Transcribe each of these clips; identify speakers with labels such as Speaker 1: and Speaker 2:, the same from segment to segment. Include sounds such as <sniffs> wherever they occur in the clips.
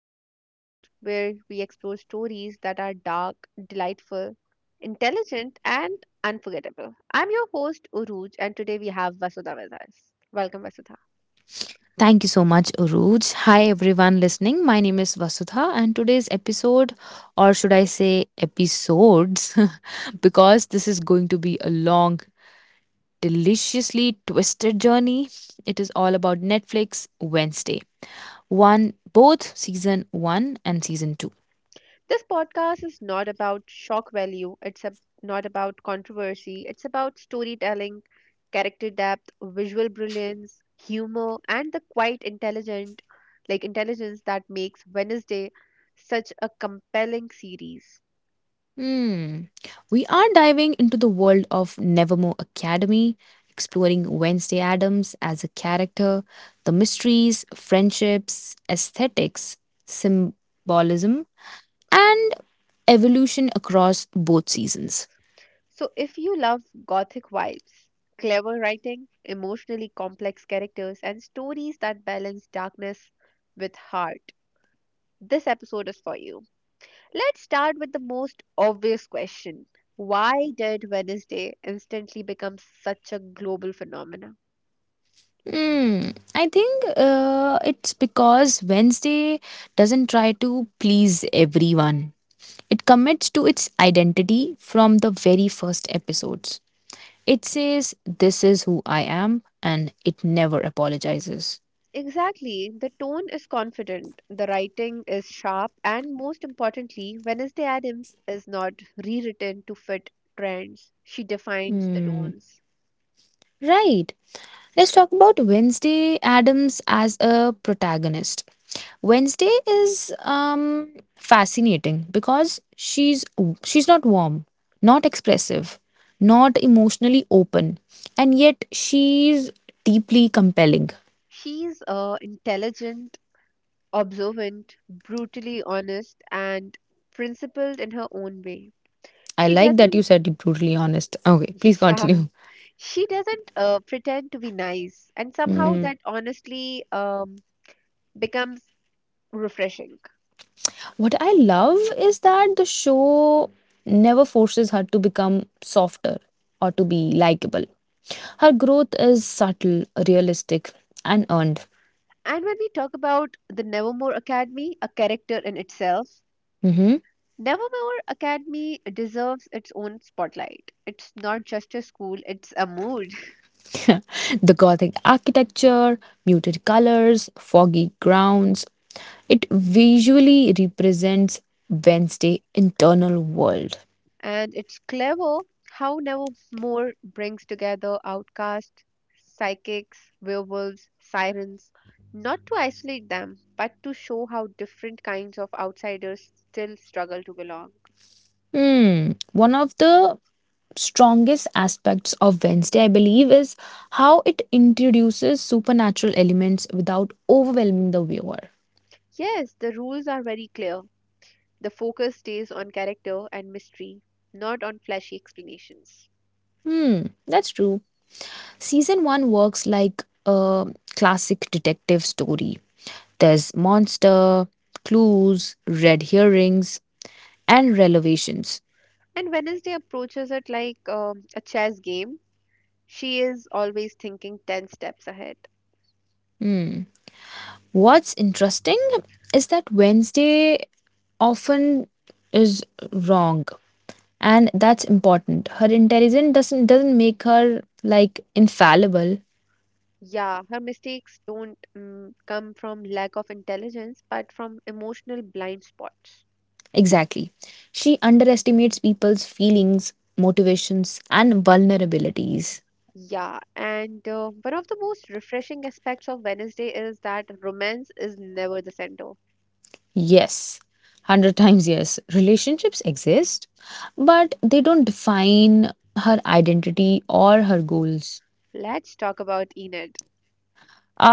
Speaker 1: the podcast where we explore stories that are dark, delightful, intelligent, and unforgettable. I'm your host, Uruj, and today we have Vasudha with us. Welcome, Vasudha.
Speaker 2: Thank you so much, Uruj. Hi, everyone listening. My name is Vasudha, and today's episode, or should I say episodes, <laughs> because this is going to be a long, deliciously twisted journey. It is all about Netflix Wednesday. One, both season one and season two.
Speaker 1: This podcast is not about shock value, not about controversy, it's about storytelling, character depth, visual brilliance, humor, and the quite intelligent like intelligence that makes Wednesday such a compelling series.
Speaker 2: Hmm. We are diving into the world of Nevermore Academy, exploring Wednesday Adams as a character, the mysteries, friendships, aesthetics, symbolism, and evolution across both seasons.
Speaker 1: So if you love gothic vibes, clever writing, emotionally complex characters, and stories that balance darkness with heart, this episode is for you. Let's start with the most obvious question. Why did Wednesday instantly become such a global phenomenon?
Speaker 2: Hmm. I think it's because Wednesday doesn't try to please everyone. It commits to its identity from the very first episodes. It says, this is who I am, and it never apologizes.
Speaker 1: Exactly, the tone is confident, the writing is sharp, and most importantly, Wednesday Adams is not rewritten to fit trends. She defines the
Speaker 2: Hmm.
Speaker 1: tones.
Speaker 2: Right. Let's talk about Wednesday Adams as a protagonist. Wednesday is fascinating because she's not warm, not expressive, not emotionally open, and yet she's deeply compelling.
Speaker 1: She's intelligent, observant, brutally honest, and principled in her own way.
Speaker 2: I
Speaker 1: She
Speaker 2: like that you
Speaker 1: doesn't
Speaker 2: said brutally honest. Okay, please
Speaker 1: <laughs> yeah,
Speaker 2: continue.
Speaker 1: she doesn't pretend to be nice, and somehow
Speaker 2: Hmm.
Speaker 1: that honestly becomes refreshing.
Speaker 2: What I love is that the show never forces her to become softer or to be likable. Her growth is subtle, realistic, and earned.
Speaker 1: And when we talk about the Nevermore Academy, a character in itself,
Speaker 2: Mhm.
Speaker 1: Nevermore Academy deserves its own spotlight. It's not just a school, it's a mood.
Speaker 2: The gothic architecture, muted colors, foggy grounds, it visually represents Wednesday's internal world.
Speaker 1: And it's clever how Nevermore brings together outcasts, psychics, werewolves, sirens, not to isolate them, but to show how different kinds of outsiders still struggle to belong.
Speaker 2: Hmm, one of the strongest aspects of Wednesday, I believe, is how it introduces supernatural elements without overwhelming the viewer.
Speaker 1: Yes, the rules are very clear. The focus stays on character and mystery, not on flashy explanations.
Speaker 2: Hmm, that's true. Season 1 works like a classic detective story. There's monster, clues, red herrings, and revelations.
Speaker 1: And Wednesday approaches it like a chess game. She is always thinking 10 steps ahead.
Speaker 2: Hmm. What's interesting is that Wednesday often is wrong. And that's important. Her intelligence doesn't make her like infallible.
Speaker 1: Yeah, her mistakes don't come from lack of intelligence, but from emotional blind spots.
Speaker 2: Exactly, she underestimates people's feelings, motivations, and vulnerabilities.
Speaker 1: Yeah, and one of the most refreshing aspects of Wednesday is that romance is never the center.
Speaker 2: Yes, 100 times yes. Relationships exist, but they don't define her identity or her goals.
Speaker 1: Let's talk about Enid.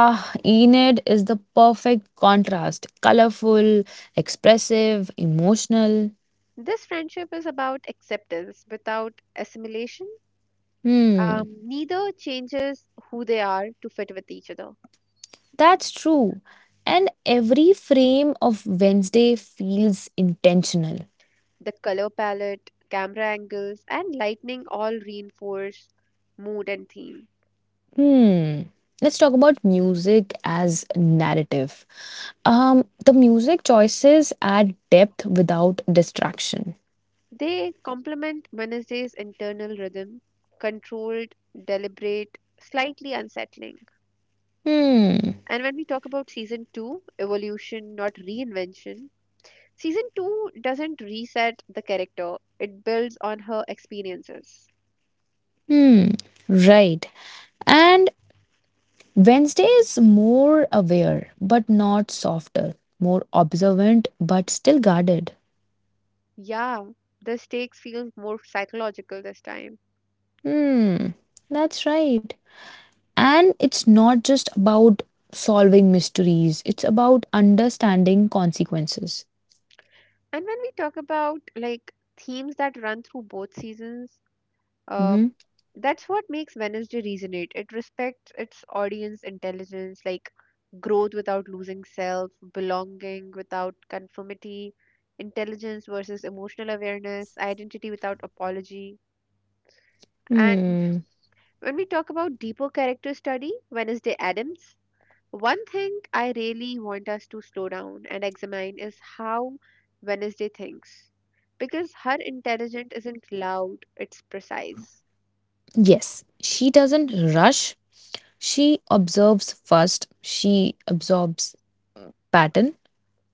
Speaker 2: Ah, Enid is the perfect contrast. Colorful, expressive, emotional.
Speaker 1: This friendship is about acceptance without assimilation.
Speaker 2: Hmm.
Speaker 1: Neither changes who they are to fit with each other.
Speaker 2: That's true. And every frame of Wednesday feels intentional.
Speaker 1: The color palette, camera angles, and lighting all reinforce mood and theme.
Speaker 2: Hmm. Let's talk about music as narrative. The music choices add depth without distraction.
Speaker 1: They complement Wednesday's internal rhythm, controlled, deliberate, slightly unsettling.
Speaker 2: Hmm.
Speaker 1: And when we talk about season 2, evolution, not reinvention, season 2 doesn't reset the character, it builds on her experiences.
Speaker 2: Hmm. Right. And Wednesday is more aware, but not softer. More observant, but still guarded.
Speaker 1: Yeah, the stakes feel more psychological this time.
Speaker 2: Hmm. That's right. And it's not just about solving mysteries, it's about understanding consequences.
Speaker 1: And when we talk about like themes that run through both seasons, Uh,
Speaker 2: Mhm.
Speaker 1: that's what makes Wednesday resonate. It respects its audience intelligence, like growth without losing self, belonging without conformity, intelligence versus emotional awareness, identity without apology. And
Speaker 2: Hmm.
Speaker 1: when we talk about deeper character study, Wednesday Adams, one thing I really want us to slow down and examine is how Wednesday thinks. Because her intelligence isn't loud, it's precise.
Speaker 2: Yes, she doesn't rush. She observes first, she absorbs pattern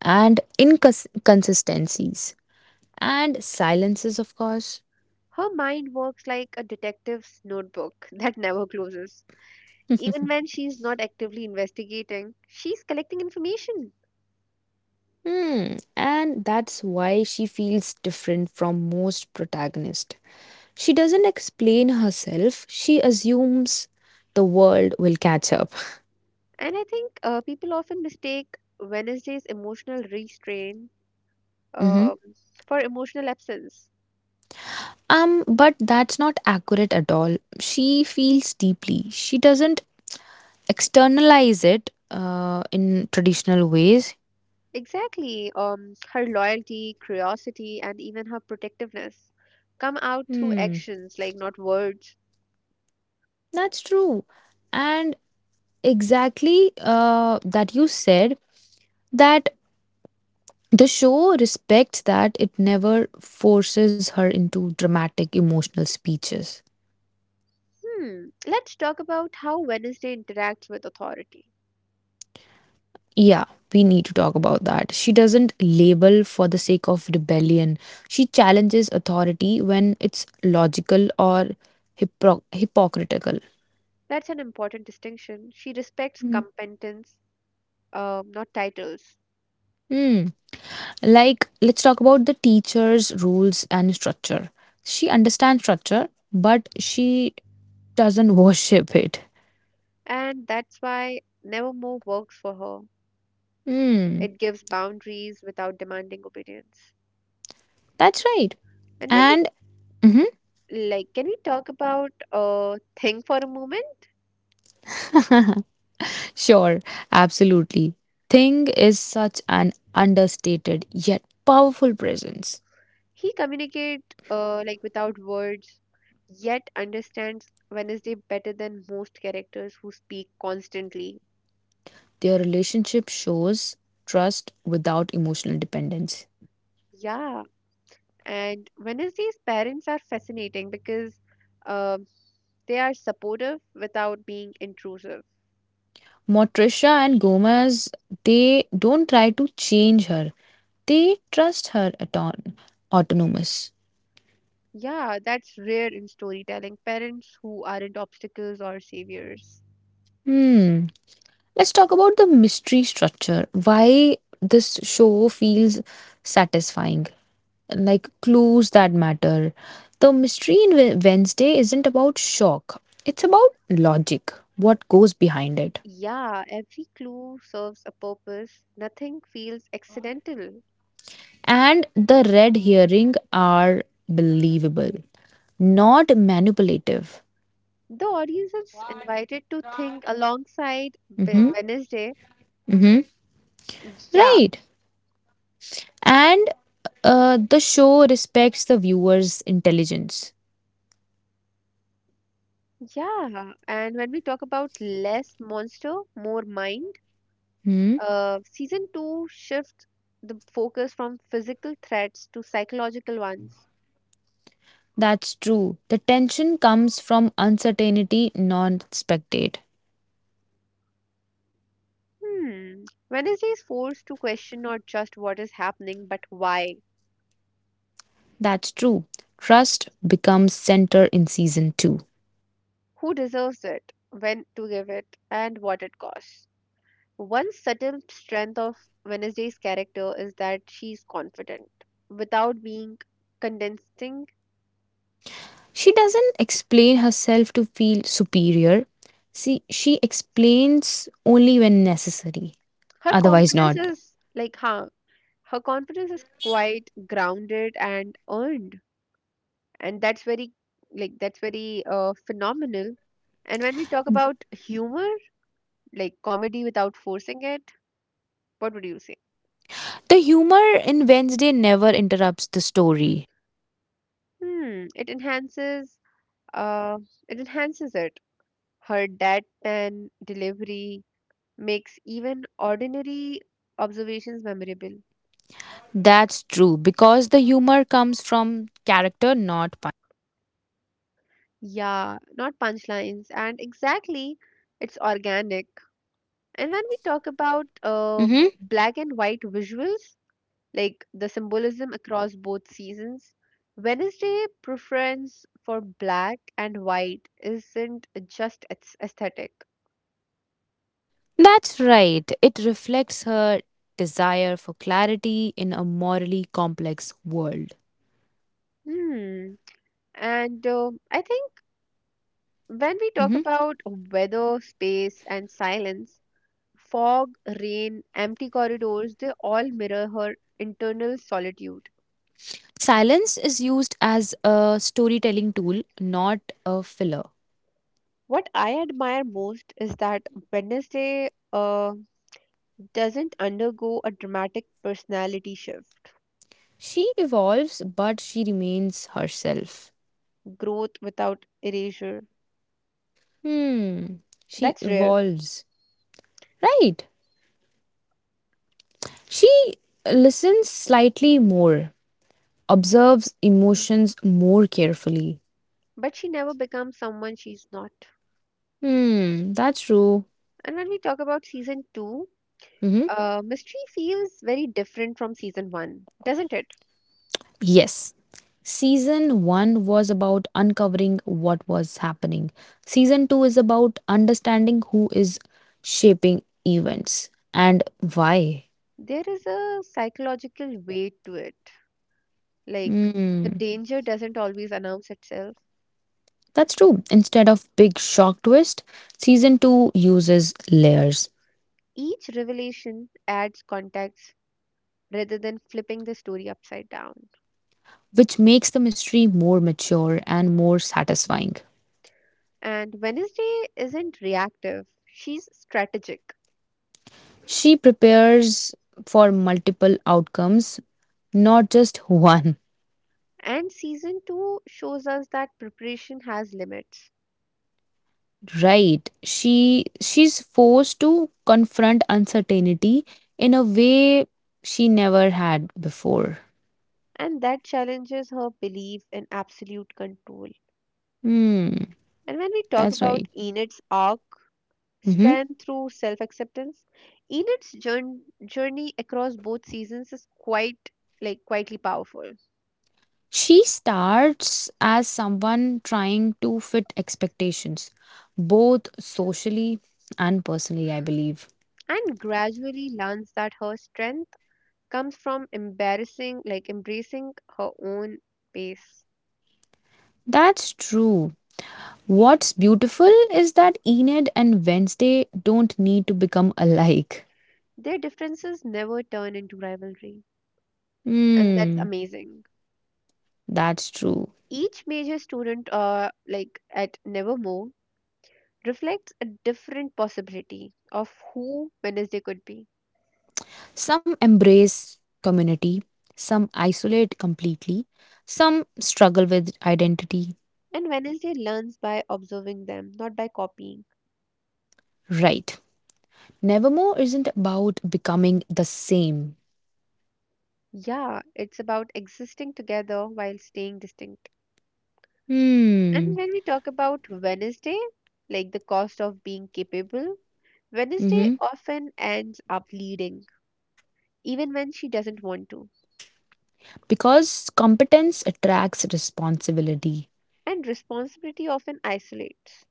Speaker 2: and inconsistencies and silences, of course.
Speaker 1: Her mind works like a detective's notebook <laughs> that never closes. Even when she's not actively investigating, she's collecting information.
Speaker 2: Hmm. And that's why she feels different from most protagonists. She doesn't explain herself, she assumes the world will catch up.
Speaker 1: And I think people often mistake Wednesday's emotional restraint um,
Speaker 2: <laughs>
Speaker 1: for emotional absence.
Speaker 2: But that's not accurate at all. She feels deeply. She doesn't externalize it in traditional ways.
Speaker 1: Exactly. Her loyalty, curiosity, and even her protectiveness come out through
Speaker 2: Hmm,
Speaker 1: actions, like not words.
Speaker 2: that's true. And exactly that you said that the show respects that. It never forces her into dramatic emotional speeches.
Speaker 1: Hmm. Let's talk about how Wednesday interacts with authority.
Speaker 2: Yeah, we need to talk about that. She doesn't label for the sake of rebellion. She challenges authority when it's logical or hypocritical.
Speaker 1: That's an important distinction. She respects
Speaker 2: Mm.
Speaker 1: competence, not titles.
Speaker 2: Hmm. Like, let's talk about the teacher's rules and structure. She understands structure, but she doesn't <laughs> worship it.
Speaker 1: And that's why Nevermore works for her.
Speaker 2: Hmm.
Speaker 1: It gives boundaries without demanding obedience.
Speaker 2: That's right.
Speaker 1: And when we
Speaker 2: And mhm,
Speaker 1: like, can we talk about Thing for a moment?
Speaker 2: sure, absolutely. Thing is such an understated yet powerful presence.
Speaker 1: He communicate like without words, yet understands Wednesday better than most characters who speak constantly.
Speaker 2: Their relationship shows trust without emotional dependence.
Speaker 1: Yeah, and Wednesday's parents are fascinating because uh, they are supportive without being intrusive.
Speaker 2: Motricia and Gomez, they don't try to change her. They trust her autonomous.
Speaker 1: Yeah, that's rare in storytelling. Parents who aren't obstacles or saviors.
Speaker 2: Hmm. Let's talk about the mystery structure. Why this show feels satisfying. Like clues that matter. The mystery in Wednesday isn't about shock. It's about logic. What goes behind it?
Speaker 1: Yeah, every clue serves a purpose. Nothing feels accidental.
Speaker 2: And the red herring are believable, not manipulative.
Speaker 1: The audience is invited to think alongside
Speaker 2: Hmm.
Speaker 1: Wednesday.
Speaker 2: Hmm.
Speaker 1: Yeah,
Speaker 2: Right. And the show respects the viewer's intelligence.
Speaker 1: yeah. And when we talk about less monster, more mind,
Speaker 2: Hmm?
Speaker 1: season two shifts the focus from physical threats to psychological ones.
Speaker 2: That's true. The tension comes from uncertainty, non spectate.
Speaker 1: Hmm. Wednesday is forced to question not just what is happening, but why,
Speaker 2: That's true. Trust becomes center in season 2.
Speaker 1: who deserves it, when to give it, and what it costs. One subtle strength of Wednesday's character is that she's confident without being condensing.
Speaker 2: She doesn't explain herself to feel superior. See, she explains only when necessary.
Speaker 1: Her
Speaker 2: Otherwise,
Speaker 1: confidence
Speaker 2: not.
Speaker 1: is like, huh, her confidence is quite grounded and earned, and that's very, that's very phenomenal. And when we talk about humor, like comedy without forcing it, what would you say?
Speaker 2: The humor in Wednesday never interrupts the story.
Speaker 1: Hmm, it enhances uh it enhances it. Her deadpan delivery makes even ordinary observations memorable.
Speaker 2: That's true because the humor comes from character, not pun.
Speaker 1: Yeah, not punchlines. And exactly, it's organic. And when we talk about
Speaker 2: Hmm.
Speaker 1: black and white visuals, like the symbolism across both seasons, Wednesday preference for black and white isn't just its aesthetic.
Speaker 2: That's right. It reflects her desire for clarity in a morally complex world.
Speaker 1: Hmm. And I think when we talk
Speaker 2: Hmm.
Speaker 1: about weather, space, and silence, fog, rain, empty corridors, they all mirror her internal solitude.
Speaker 2: Silence is used as a storytelling tool, not a filler.
Speaker 1: What I admire most is that Wednesday doesn't undergo a dramatic personality shift,
Speaker 2: She evolves, but she remains herself.
Speaker 1: growth without erasure.
Speaker 2: Hmm. She
Speaker 1: That's rare,
Speaker 2: evolves. Right. She listens slightly more, observes emotions more carefully.
Speaker 1: but she never becomes someone she's not.
Speaker 2: Hmm, that's true.
Speaker 1: And when we talk about season two,
Speaker 2: Mm-hmm.
Speaker 1: mystery feels very different from season one, doesn't it?
Speaker 2: Yes, season one was about uncovering what was happening, season two is about understanding who is shaping events and why.
Speaker 1: There is a psychological weight to it. Like, the
Speaker 2: Hmm.
Speaker 1: danger doesn't always announce itself.
Speaker 2: That's true. Instead of big shock twist, season 2 uses layers,
Speaker 1: Each revelation adds context rather than flipping the story upside down.
Speaker 2: which makes the mystery more mature and more satisfying.
Speaker 1: And Wednesday isn't reactive, she's strategic.
Speaker 2: She prepares for multiple outcomes, not just one.
Speaker 1: And season 2 shows us that preparation has limits,
Speaker 2: Right, she's forced to confront uncertainty in a way she never had before.
Speaker 1: and that challenges her belief in absolute control.
Speaker 2: Hmm,
Speaker 1: And when we talk
Speaker 2: that's
Speaker 1: about
Speaker 2: right.
Speaker 1: Enid's arc,
Speaker 2: Hmm.
Speaker 1: strength through self acceptance, Enid's jour- journey across both seasons is quite like quietly powerful.
Speaker 2: She starts as someone trying to fit expectations, both socially and personally, I believe.
Speaker 1: And gradually learns that her strength comes from embarrassing like embracing her own pace.
Speaker 2: That's true. What's beautiful is that Enid and Wednesday don't need to become alike.
Speaker 1: Their differences never turn into rivalry, and that's
Speaker 2: Hmm.
Speaker 1: amazing.
Speaker 2: That's true.
Speaker 1: Each major student like at Nevermore reflects a different possibility of who Wednesday could be.
Speaker 2: Some embrace community, some isolate completely, some struggle with identity.
Speaker 1: And Wednesday learns by observing them, not by copying.
Speaker 2: Right. Nevermore isn't about becoming the same.
Speaker 1: Yeah, it's about existing together while staying distinct. And
Speaker 2: Hmm.
Speaker 1: when we talk about Wednesday, like the cost of being capable, Wednesday
Speaker 2: Mm-hmm.
Speaker 1: often ends up leading, even when she doesn't want to,
Speaker 2: Because competence attracts responsibility.
Speaker 1: and responsibility often isolates.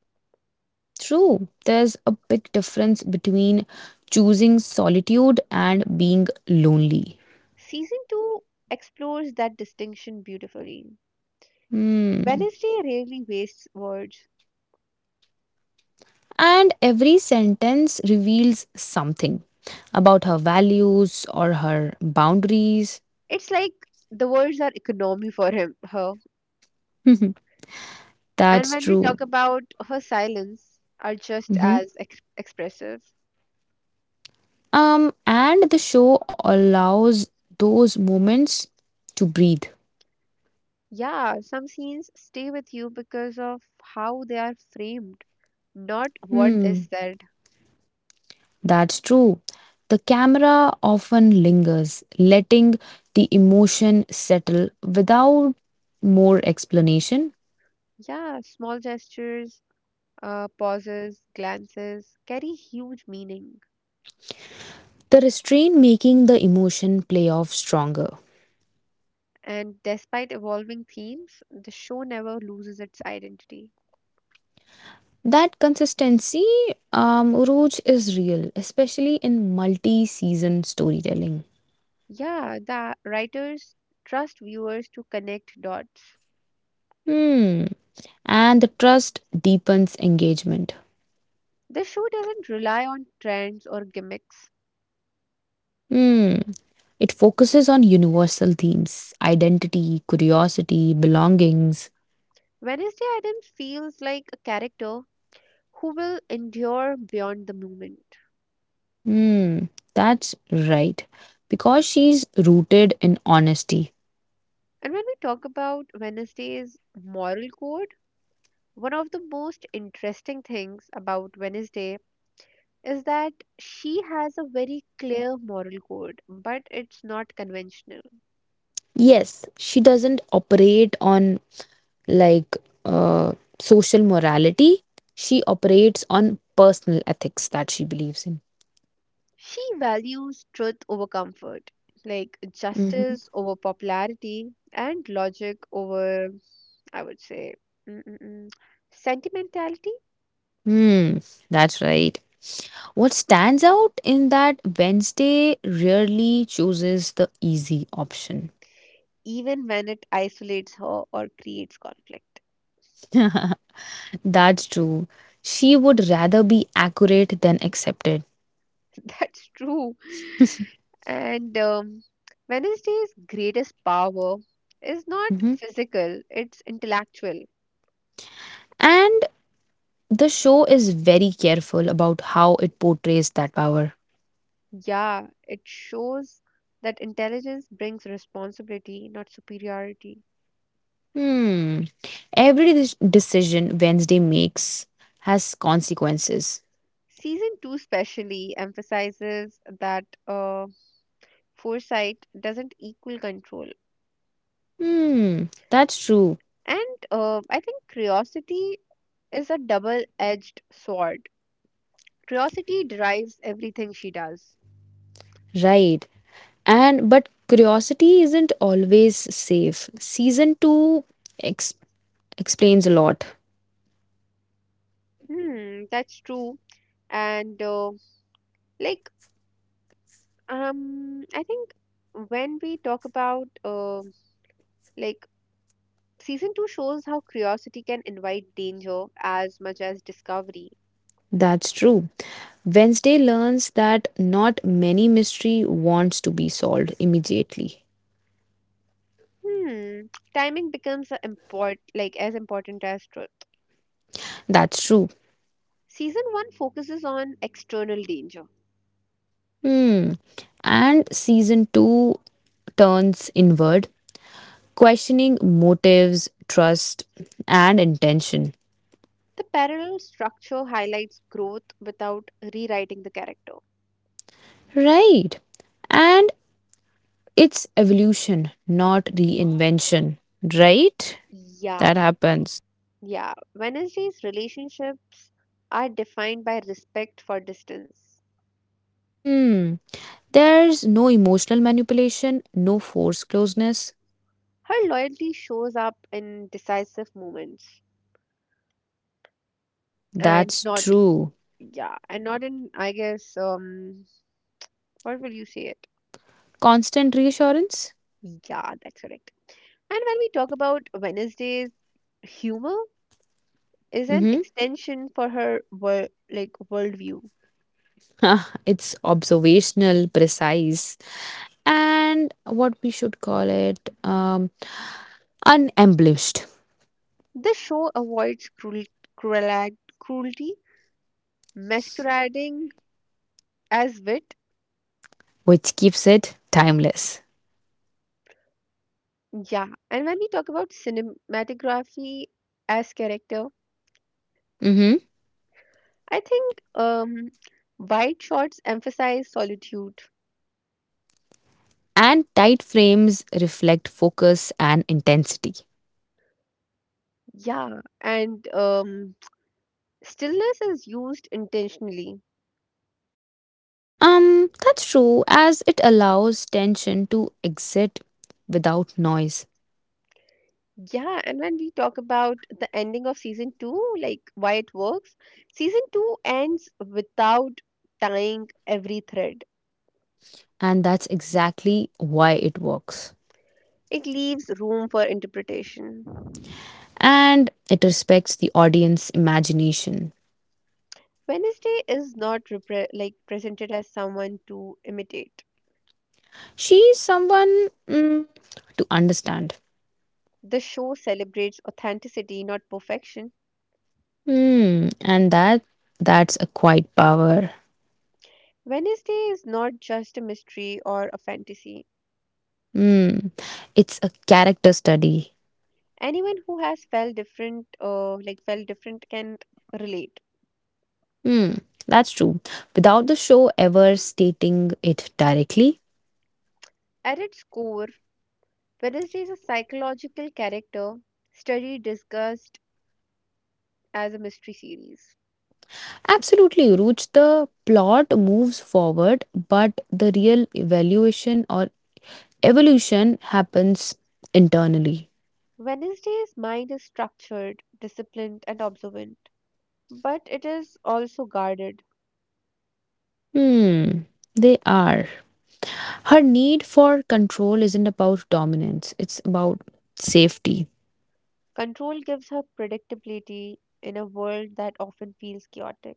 Speaker 2: True. There's a big difference between choosing solitude and being lonely.
Speaker 1: Season 2 explores that distinction beautifully.
Speaker 2: Hmm.
Speaker 1: Wednesday rarely wastes words.
Speaker 2: And every sentence reveals something about her values or her boundaries.
Speaker 1: It's like the words are economy for her.
Speaker 2: <laughs> That's
Speaker 1: And when we
Speaker 2: true.
Speaker 1: talk about her silence, are just
Speaker 2: Mhm.
Speaker 1: as ex- expressive.
Speaker 2: And the show allows those moments to breathe.
Speaker 1: Yeah, some scenes stay with you because of how they are framed, not what is
Speaker 2: Hmm.
Speaker 1: said.
Speaker 2: That's true. The camera often lingers, letting the emotion settle without more explanation.
Speaker 1: Yeah, small gestures, pauses, glances carry huge meaning.
Speaker 2: The restraint making the emotion play off stronger.
Speaker 1: And despite evolving themes, the show never loses its identity.
Speaker 2: That consistency, Rooj, is real, especially in multi season storytelling.
Speaker 1: Yeah, the writers trust viewers to connect dots.
Speaker 2: Hmm. And the trust deepens engagement.
Speaker 1: The show doesn't rely on trends or gimmicks.
Speaker 2: Hmm. It focuses on universal themes: identity, curiosity, belongings.
Speaker 1: Wednesday Adams feels like a character who will endure beyond the moment.
Speaker 2: Hmm. That's right. Because she's rooted in honesty.
Speaker 1: And when we talk about Wednesday's moral code, one of the most interesting things about Wednesday is that she has a very clear moral code, but it's not conventional.
Speaker 2: Yes, she doesn't operate on like uh, social morality. She operates on personal ethics that she believes in.
Speaker 1: She values truth over comfort, like
Speaker 2: Mhm.
Speaker 1: justice over popularity, and logic over, I would say, mm, mm, mm, sentimentality,
Speaker 2: Hmm, that's right. What stands out in that Wednesday rarely chooses the easy option.
Speaker 1: even when it isolates her or creates conflict.
Speaker 2: <laughs> That's true. She would rather be accurate than accepted.
Speaker 1: <laughs> That's true. And Wednesday's greatest power is not
Speaker 2: Mhm.
Speaker 1: physical, it's intellectual.
Speaker 2: And the show is very careful about how it portrays that power.
Speaker 1: Yeah, it shows that intelligence brings responsibility, not superiority.
Speaker 2: Hmm. Every decision Wednesday makes has consequences.
Speaker 1: Season 2 especially emphasizes that foresight doesn't equal control.
Speaker 2: Hmm, that's true.
Speaker 1: And I think curiosity is a double edged sword. Curiosity drives everything she does.
Speaker 2: Right. And but curiosity isn't always safe. Season 2 ex- explains a lot.
Speaker 1: Hmm, that's true. And like I think when we talk about like season 2 shows how curiosity can invite danger as much as discovery.
Speaker 2: That's true. Wednesday learns that not many mystery wants to be solved immediately.
Speaker 1: Hmm, timing becomes a import like as important as truth.
Speaker 2: That's true.
Speaker 1: Season 1 focuses on external danger.
Speaker 2: Hmm. And season 2 turns inward, questioning motives, trust, and intention.
Speaker 1: The parallel structure highlights growth without rewriting the character.
Speaker 2: Right. And it's evolution, not reinvention. Right? That
Speaker 1: Yeah,
Speaker 2: happens.
Speaker 1: yeah. Wednesday's relationship are defined by respect for distance.
Speaker 2: Hmm. There's no emotional manipulation, no forced closeness.
Speaker 1: Her loyalty shows up in decisive moments and
Speaker 2: That's
Speaker 1: not,
Speaker 2: true.
Speaker 1: yeah, and not in, I guess, what will you say it?
Speaker 2: Constant reassurance?
Speaker 1: Yeah, that's correct. And when we talk about Wednesday's humor is an
Speaker 2: Mm-hmm. <laughs>
Speaker 1: extension for her worldview.
Speaker 2: Ah, it's observational, precise, and what we should call it unembellished,
Speaker 1: The show avoids cruel- cruelty, masquerading as wit.
Speaker 2: which keeps it timeless.
Speaker 1: Yeah, and when we talk about cinematography as character,
Speaker 2: Mm-hmm.
Speaker 1: I think white shots emphasize solitude.
Speaker 2: And tight frames reflect focus and intensity.
Speaker 1: Yeah, and stillness is used intentionally.
Speaker 2: That's true, as it allows tension to exit without noise,
Speaker 1: Yeah, and when we talk about the ending of season two, like why it works, season two ends without tying every thread.
Speaker 2: and that's exactly why it works.
Speaker 1: It leaves room for interpretation.
Speaker 2: And it respects the audience imagination.
Speaker 1: Wednesday is not presented as someone to imitate.
Speaker 2: She's someone to understand.
Speaker 1: The show celebrates authenticity, not perfection.
Speaker 2: Hmm, and that's a quiet power.
Speaker 1: Wednesday is not just a mystery or a fantasy.
Speaker 2: Hmm, it's a character study.
Speaker 1: Anyone who has felt different, can relate.
Speaker 2: Hmm, that's true. Without the show ever stating it directly,
Speaker 1: At its core, Wednesday is a psychological character study discussed as a mystery series.
Speaker 2: absolutely, Ruch. The plot moves forward, but the real evaluation or evolution happens internally.
Speaker 1: Wednesday's mind is structured, disciplined, and observant, but it is also guarded.
Speaker 2: Hmm, they are. Her need for control isn't about dominance, it's about safety.
Speaker 1: Control gives her predictability in a world that often feels chaotic.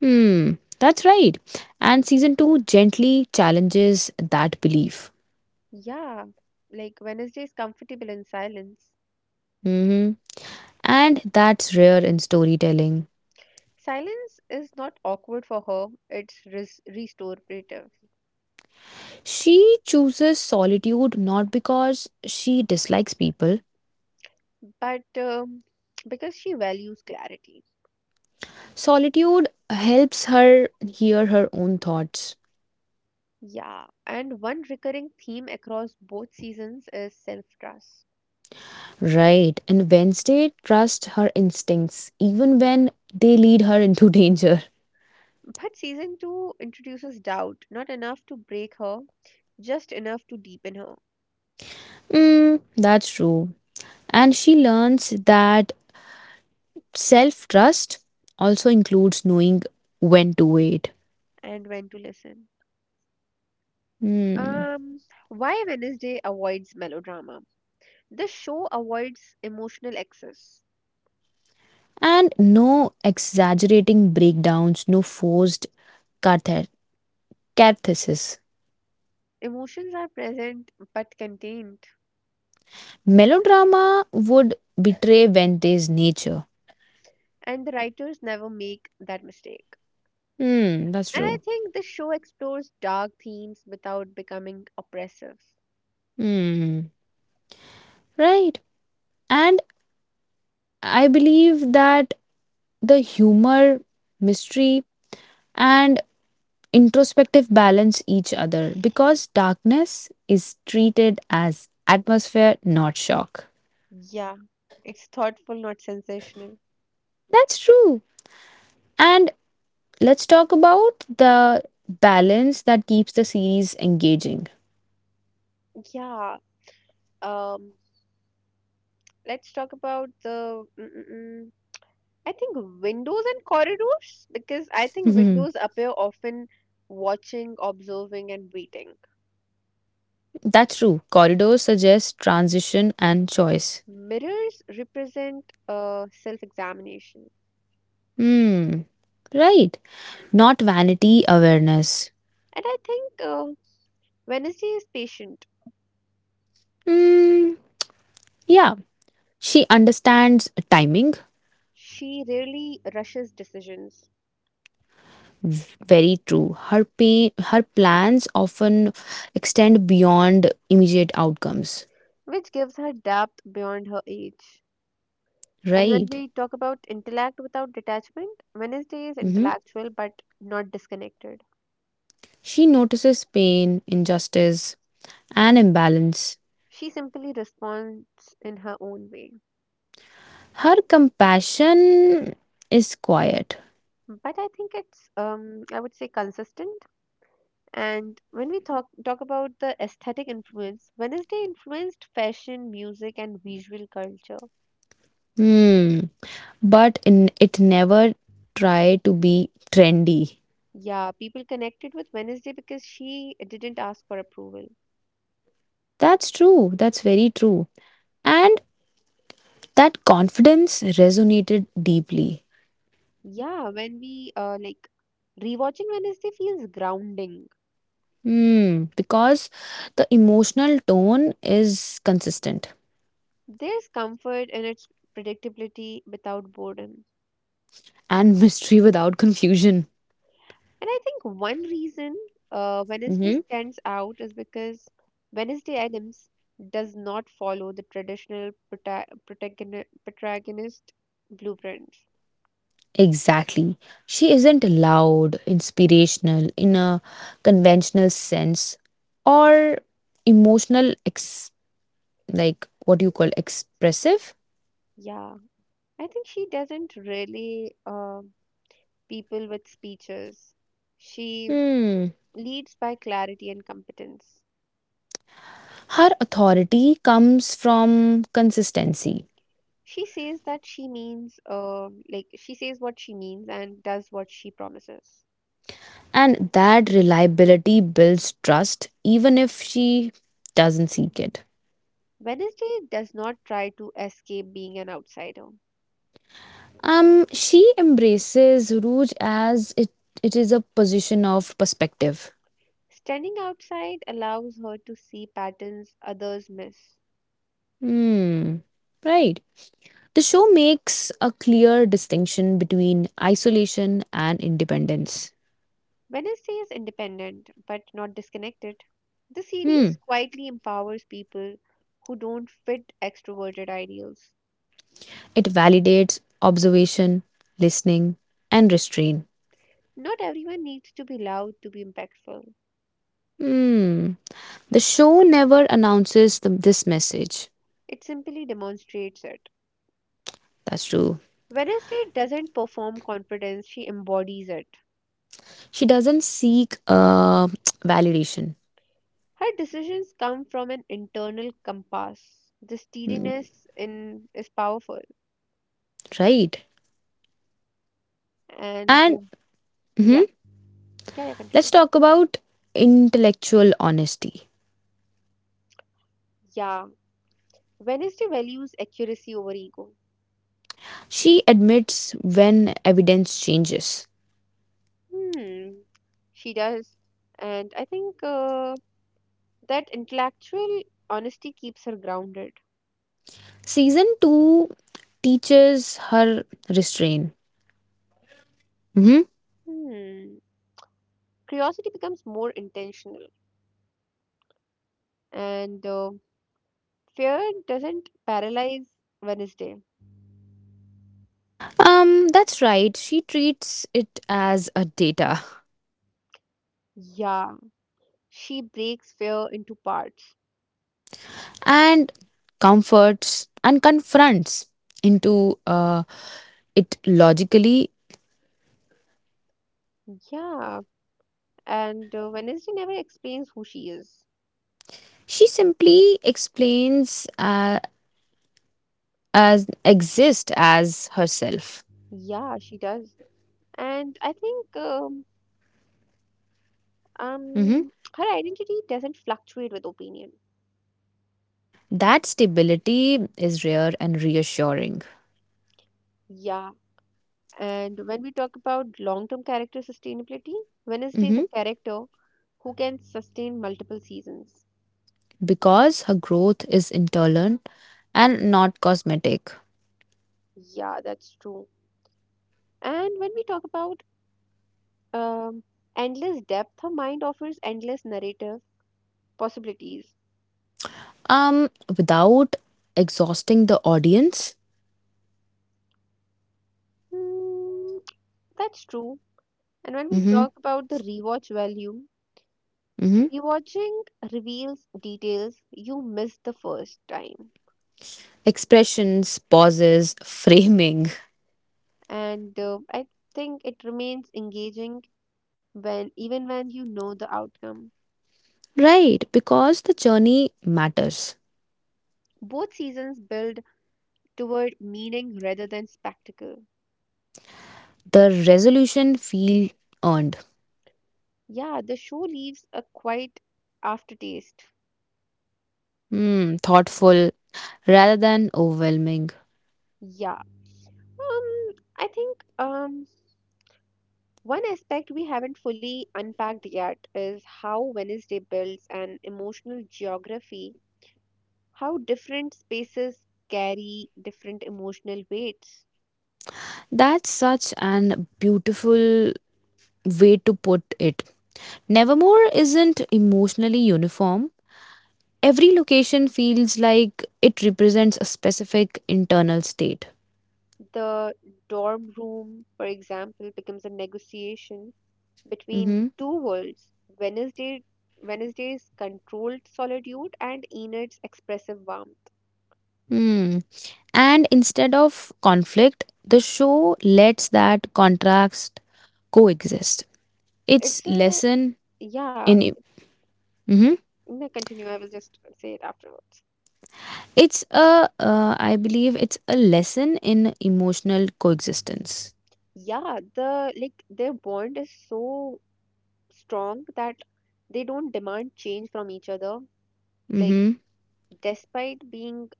Speaker 2: Hmm, that's right. And season 2 gently challenges that belief.
Speaker 1: Yeah, like Wednesday is comfortable in silence.
Speaker 2: Hmm. And that's rare in storytelling.
Speaker 1: Silence is not awkward for her, restorative.
Speaker 2: She chooses solitude not because she dislikes people.
Speaker 1: But <sniffs> because she values clarity.
Speaker 2: Solitude helps her hear her own thoughts.
Speaker 1: Yeah, and one recurring theme across both seasons is self trust.
Speaker 2: Right. And Wednesday trusts her instincts, even when they lead her into <laughs> danger.
Speaker 1: But season 2 introduces doubt, not enough to break her, just enough to deepen her,
Speaker 2: Mm, that's true. And she learns that self trust also includes knowing when to wait.
Speaker 1: and when to listen.
Speaker 2: Mm.
Speaker 1: Um, why Wednesday avoids melodrama? The show avoids emotional excess.
Speaker 2: And no exaggerating breakdowns, no forced cathe- cathesis.
Speaker 1: Emotions are present but contained.
Speaker 2: Melodrama would betray Vente's nature.
Speaker 1: And the writers never make that mistake.
Speaker 2: Hmm, that's
Speaker 1: And I
Speaker 2: true.
Speaker 1: think the show explores dark themes without becoming oppressive.
Speaker 2: Hmm. Right. And I believe that the humor, mystery, and introspective balance each other because darkness is treated as atmosphere, not shock.
Speaker 1: Yeah, it's thoughtful, not sensational.
Speaker 2: That's true. And let's talk about the balance that keeps the series engaging. <laughs>
Speaker 1: Yeah, um, let's talk about the. Mm, mm, mm, I think windows and corridors, because I think
Speaker 2: Mhm.
Speaker 1: windows appear often watching, observing, and waiting.
Speaker 2: That's true. Corridors suggest transition and choice.
Speaker 1: Mirrors represent self examination.
Speaker 2: Hmm. Right. Not vanity awareness.
Speaker 1: And I think Wednesday is patient.
Speaker 2: Hmm. Yeah, she understands timing,
Speaker 1: She rarely rushes decisions,
Speaker 2: very true. Her pain, her plans often extend beyond immediate outcomes,
Speaker 1: which gives her depth beyond her age. And when
Speaker 2: right?
Speaker 1: we talk about intellect without detachment, Wednesday is
Speaker 2: Hmm.
Speaker 1: intellectual but not disconnected.
Speaker 2: She notices pain, injustice, and imbalance.
Speaker 1: She simply responds in her own way.
Speaker 2: Her compassion is quiet.
Speaker 1: But I think it's I would say, consistent. And when we talk about the aesthetic influence, Wednesday influenced fashion, music, and visual culture.
Speaker 2: Hmm. But in, it never try to be trendy.
Speaker 1: Yeah, people connected with Wednesday because she didn't ask for approval.
Speaker 2: That's true. That's very true. And that confidence resonated deeply.
Speaker 1: Yeah, when we like rewatching Wednesday feels grounding.
Speaker 2: Hmm, because the emotional tone is consistent
Speaker 1: There's comfort in its predictability without boredom.
Speaker 2: and <laughs> mystery without confusion.
Speaker 1: And I think one reason Wednesday
Speaker 2: Hmm.
Speaker 1: stands out is because Wednesday Adams does not follow the traditional protagonist blueprint.
Speaker 2: Exactly. She isn't loud, inspirational in a conventional sense or emotional, like what do you call expressive?
Speaker 1: Yeah, I think she doesn't really people with speeches. She
Speaker 2: Hmm.
Speaker 1: leads by clarity and competence.
Speaker 2: Her authority comes from consistency,
Speaker 1: She says that she means, she says what she means and does what she promises.
Speaker 2: and that reliability builds trust even if she doesn't seek it.
Speaker 1: Wednesday does not try to escape being an outsider.
Speaker 2: She embraces Rouge as it is a position of perspective.
Speaker 1: Standing outside allows her to see patterns others miss.
Speaker 2: Hmm. Right. The show makes a clear distinction between isolation and independence.
Speaker 1: Wednesday is independent but not disconnected. The
Speaker 2: Hmm.
Speaker 1: series quietly empowers people who don't fit extroverted ideals.
Speaker 2: It validates observation, listening, and restraint.
Speaker 1: Not everyone needs to be loud to be impactful,
Speaker 2: Hmm. The show never announces this message.
Speaker 1: it simply demonstrates it.
Speaker 2: That's true.
Speaker 1: Wednesday doesn't perform confidence, she embodies it.
Speaker 2: She doesn't seek <tsk> validation.
Speaker 1: Her decisions come from an internal compass. The
Speaker 2: Hmm.
Speaker 1: steadiness in is powerful.
Speaker 2: Right.
Speaker 1: And
Speaker 2: And
Speaker 1: Yeah,
Speaker 2: mhm.
Speaker 1: yeah,
Speaker 2: Let's
Speaker 1: continue.
Speaker 2: talk about intellectual honesty.
Speaker 1: Yeah, Wednesday values accuracy over ego.
Speaker 2: She admits when evidence changes.
Speaker 1: Hmm, she does. And I think that intellectual honesty keeps her grounded.
Speaker 2: Season 2 teaches her restraint. Mhm.
Speaker 1: Hmm, curiosity becomes more intentional. And Fear doesn't paralyze Wednesday.
Speaker 2: That's right. She treats it as a data
Speaker 1: Yeah, she breaks fear into parts.
Speaker 2: and comforts and confronts into uh, it logically.
Speaker 1: Yeah, and Wednesday never explains who she is.
Speaker 2: She simply explains as exist as herself.
Speaker 1: Yeah, she does. And I think
Speaker 2: Mhm.
Speaker 1: um, her identity doesn't fluctuate with opinion.
Speaker 2: That stability is rare and reassuring.
Speaker 1: Yeah, and when we talk about long-term character sustainability, Wednesday is a
Speaker 2: Mhm.
Speaker 1: character who can sustain multiple seasons.
Speaker 2: Because her growth is internal and not cosmetic.
Speaker 1: Yeah, that's true. And when we talk about um, endless depth, her mind offers endless narrative possibilities.
Speaker 2: Um, without exhausting the audience.
Speaker 1: Hmm, that's true. And when we
Speaker 2: Mhm.
Speaker 1: talk about the rewatch value,
Speaker 2: Mhm.
Speaker 1: rewatching reveals details you missed the first time.
Speaker 2: Expressions, pauses, <laughs> framing.
Speaker 1: And I think it remains engaging when even when you know the outcome.
Speaker 2: Right, because the journey matters.
Speaker 1: Both seasons build toward meaning rather than spectacle.
Speaker 2: The resolution feel earned.
Speaker 1: Yeah, the show leaves a quite aftertaste.
Speaker 2: Hmm, thoughtful rather than overwhelming.
Speaker 1: Yeah. Um I think one aspect we haven't fully unpacked yet is how Wednesday builds an emotional geography, how different spaces carry different emotional weights.
Speaker 2: That's such an beautiful way to put it. Nevermore isn't emotionally uniform. Every location feels like it represents a specific internal state.
Speaker 1: The dorm room, for example, becomes a negotiation between
Speaker 2: Mm-hmm.
Speaker 1: two worlds. Wednesday, Wednesday's controlled solitude and Enid's expressive warmth.
Speaker 2: Hmm. And instead of conflict, the show lets that contrast coexist. It's
Speaker 1: It's a,
Speaker 2: lesson
Speaker 1: yeah,
Speaker 2: in mhm.
Speaker 1: no, continue. I will just say it afterwards.
Speaker 2: It's a I believe it's a lesson in emotional coexistence.
Speaker 1: Yeah, the like their bond is so strong that they don't demand change from each other, like
Speaker 2: Mm-hmm.
Speaker 1: despite being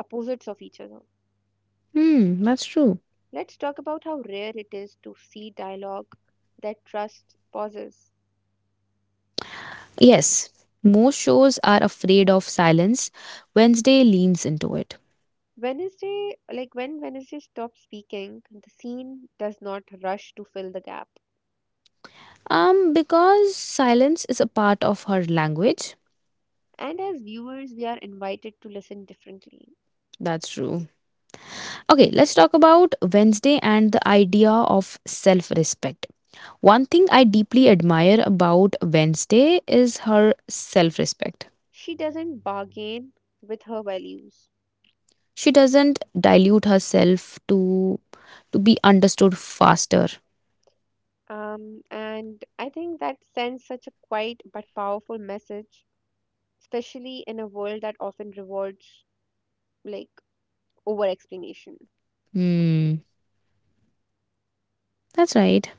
Speaker 1: opposites of each other.
Speaker 2: Hmm, that's true.
Speaker 1: Let's talk about how rare it is to see dialogue that trust pauses.
Speaker 2: Yes, most shows are afraid of silence. Wednesday leans into it.
Speaker 1: Wednesday, like when Wednesday stops speaking, the scene does not rush to fill the gap.
Speaker 2: Because silence is a part of her language.
Speaker 1: And as viewers, we are invited to listen differently.
Speaker 2: That's true. Okay, let's talk about Wednesday and the idea of self respect. One thing I deeply admire about Wednesday is her self respect.
Speaker 1: She doesn't bargain with her values.
Speaker 2: She doesn't dilute herself to be understood faster.
Speaker 1: And I think that sends such a quiet but powerful message, especially in a world that often rewards like over explanation.
Speaker 2: Hmm, that's right.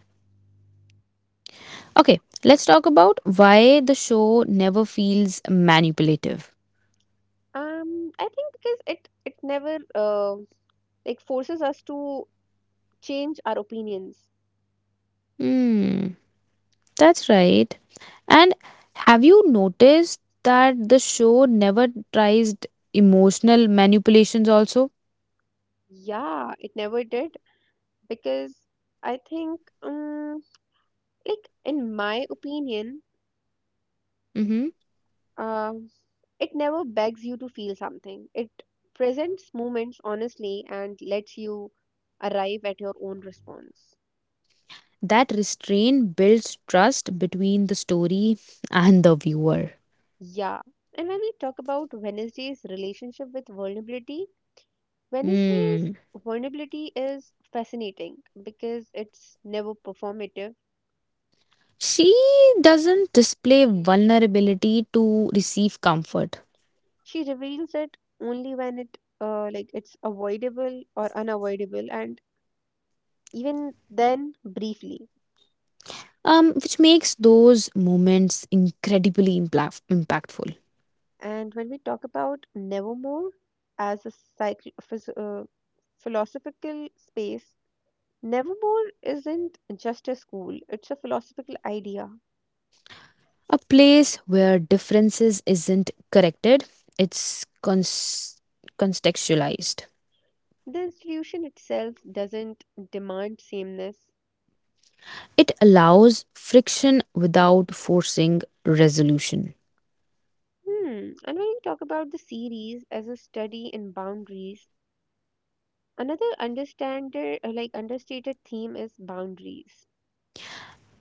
Speaker 2: Okay, let's talk about why the show never feels manipulative.
Speaker 1: um I think because it never uh, like forces us to change our opinions.
Speaker 2: Hmm, that's right. And have you noticed that the show never tries emotional manipulations also?
Speaker 1: Yeah, it never did, because I think um like in my opinion,
Speaker 2: Mm-hmm.
Speaker 1: um it never begs you to feel something. It presents moments honestly and lets you arrive at your own response.
Speaker 2: That restraint builds trust between the story and the viewer.
Speaker 1: Yeah. And when we talk about Wednesday's relationship with vulnerability, Wednesday's
Speaker 2: Hmm.
Speaker 1: vulnerability is fascinating because it's never performative.
Speaker 2: She doesn't display vulnerability to receive comfort,
Speaker 1: She reveals it only when it like it's avoidable or unavoidable, and even then briefly.
Speaker 2: which makes those moments incredibly impactful.
Speaker 1: And when we talk about Nevermore as a psych- phys- uh, philosophical space, Nevermore isn't just a school, it's a philosophical idea.
Speaker 2: A place where differences isn't corrected, it's contextualized.
Speaker 1: The institution itself doesn't demand sameness.
Speaker 2: It allows friction without forcing resolution.
Speaker 1: Hmm. And when you talk about the series as a study in boundaries, another understander like understated theme is boundaries,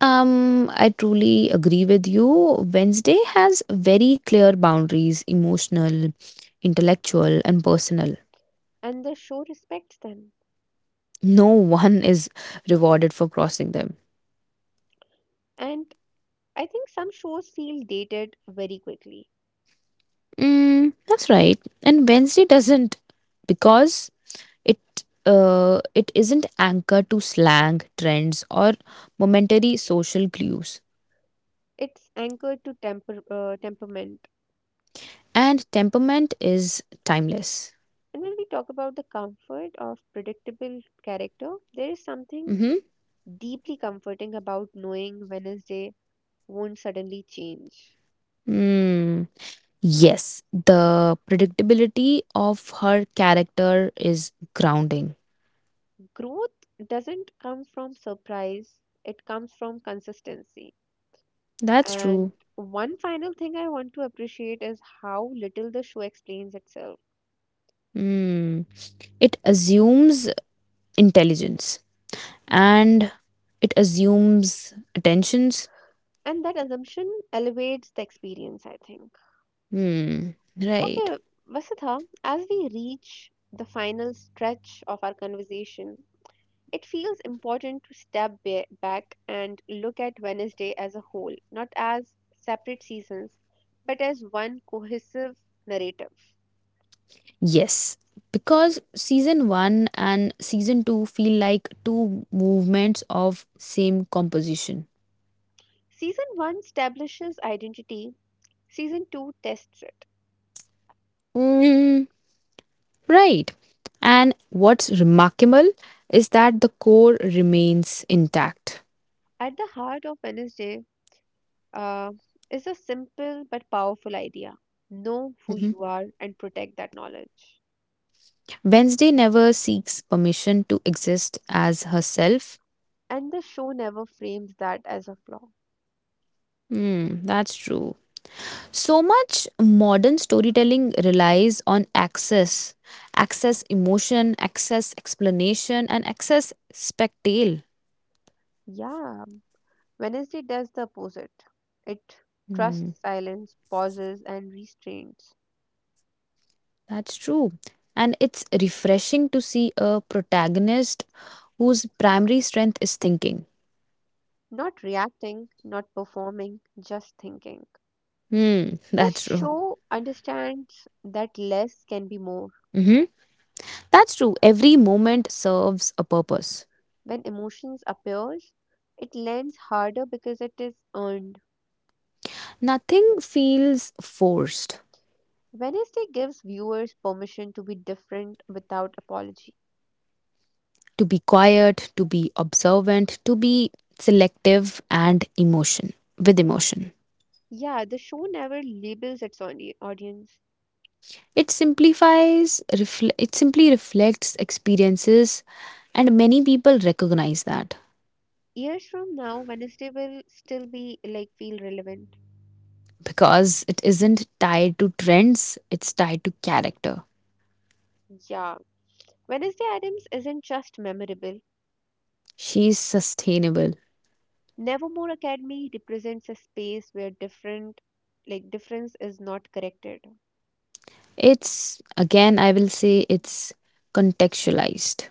Speaker 2: I truly agree with you. Wednesday has very clear boundaries: emotional, intellectual, and personal.
Speaker 1: and the show respects them.
Speaker 2: No one is rewarded for crossing them.
Speaker 1: And I think some shows feel dated very quickly.
Speaker 2: Mm, that's right. And Wednesday doesn't because It it isn't anchored to slang, trends, or momentary social clues.
Speaker 1: It's anchored to temperament.
Speaker 2: And temperament is timeless.
Speaker 1: And when we talk about the comfort of predictable character, there is something
Speaker 2: Mm-hmm.
Speaker 1: deeply comforting about knowing Wednesday won't suddenly change.
Speaker 2: Mm. Yes, the predictability of her character is grounding.
Speaker 1: Growth doesn't come from surprise, it comes from consistency.
Speaker 2: That's
Speaker 1: And
Speaker 2: true.
Speaker 1: one final thing I want to appreciate is how little the show explains itself.
Speaker 2: Mm. It assumes intelligence and it assumes attentions.
Speaker 1: And that assumption elevates the experience, I think.
Speaker 2: Hmm. Right.
Speaker 1: Okay, Vasudha, as we reach the final stretch of our conversation, it feels important to step back and look at Wednesday as a whole, not as separate seasons, but as one cohesive narrative.
Speaker 2: Yes, because season 1 and season 2 feel like two movements of same composition.
Speaker 1: Season 1 establishes identity, Season 2 tests it.
Speaker 2: Mm, right. And what's remarkable is that the core remains intact.
Speaker 1: At the heart of Wednesday uh, is a simple but powerful idea: know who
Speaker 2: Mhm.
Speaker 1: you are and protect that knowledge.
Speaker 2: Wednesday never seeks permission to exist as herself.
Speaker 1: And the show never frames that as a flaw.
Speaker 2: Hmm, that's true. So much modern storytelling relies on access: access emotion, access explanation, and access spectacle.
Speaker 1: Yeah, Wednesday does the opposite. It
Speaker 2: Hmm,
Speaker 1: trusts silence, pauses, and restraints.
Speaker 2: that's true. And it's refreshing to see a protagonist whose primary strength is thinking.
Speaker 1: Not reacting, not performing, just thinking.
Speaker 2: Hmm, <laughs>
Speaker 1: The
Speaker 2: that's true.
Speaker 1: show understands that less can be more.
Speaker 2: Hmm. That's true. Every moment serves a purpose.
Speaker 1: When emotions appears, it lands harder because it is earned.
Speaker 2: Nothing feels forced.
Speaker 1: Wednesday gives viewers permission to be different without apology.
Speaker 2: To be quiet, to be observant, to be selective and emotion with emotion.
Speaker 1: Yeah, the show never labels its audience.
Speaker 2: It simplifies, it simply reflects experiences, and many people recognize that.
Speaker 1: Years from now, Wednesday will still be like feel relevant.
Speaker 2: Because it isn't tied to trends, it's tied to character.
Speaker 1: Yeah, Wednesday Addams isn't just memorable.
Speaker 2: She's sustainable.
Speaker 1: Nevermore Academy represents a space where different, like difference is not corrected.
Speaker 2: It's, again, I will say it's contextualized.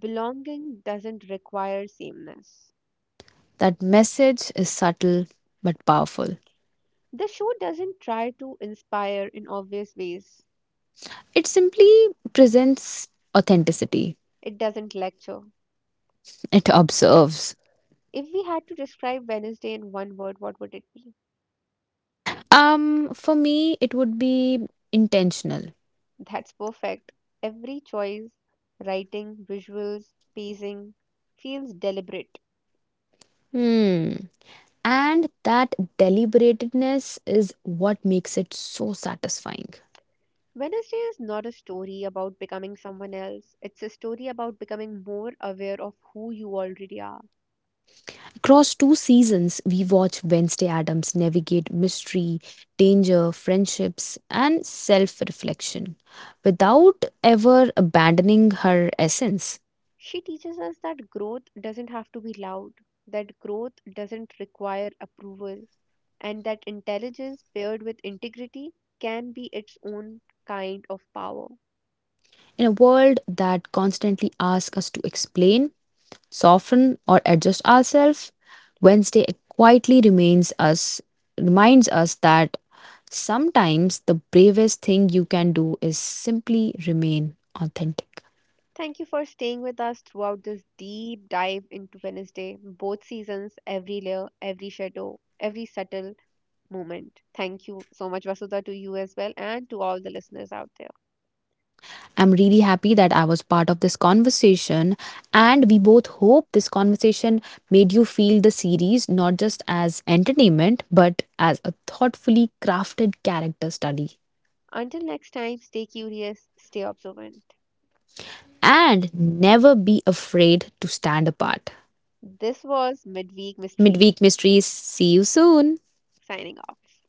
Speaker 1: Belonging doesn't require sameness.
Speaker 2: That message is subtle but powerful.
Speaker 1: The show doesn't try to inspire in obvious ways.
Speaker 2: It simply presents authenticity,
Speaker 1: It doesn't lecture.
Speaker 2: it observes.
Speaker 1: If we had to describe Wednesday in one word, what would it be?
Speaker 2: For me, it would be intentional.
Speaker 1: That's perfect. Every choice, writing, visuals, pacing, feels deliberate.
Speaker 2: Hmm. And that deliberatedness is what makes it so satisfying.
Speaker 1: Wednesday is not a story about becoming someone else, it's a story about becoming more aware of who you already are.
Speaker 2: Across two seasons, we watch Wednesday Adams navigate mystery, danger, friendships, and self reflection without ever abandoning her essence.
Speaker 1: She teaches us that growth doesn't have to be loud, that growth doesn't require approval, and that intelligence paired with integrity can be its own kind of power.
Speaker 2: In a world that constantly asks us to explain, soften, or adjust ourselves, Wednesday quietly remains us, reminds us that sometimes the bravest thing you can do is simply remain authentic.
Speaker 1: Thank you for staying with us throughout this deep dive into Wednesday, both seasons, every layer, every shadow, every subtle moment. Thank you so much, Vasudha, to you as well, and to all the listeners out there.
Speaker 2: I'm really happy that I was part of this conversation, and we both hope this conversation made you feel the series not just as entertainment but as a thoughtfully crafted character study.
Speaker 1: Until next time, stay curious, stay observant.
Speaker 2: And never be afraid to stand apart.
Speaker 1: This was Midweek Mystery,
Speaker 2: Midweek Mysteries, see you soon.
Speaker 1: signing off.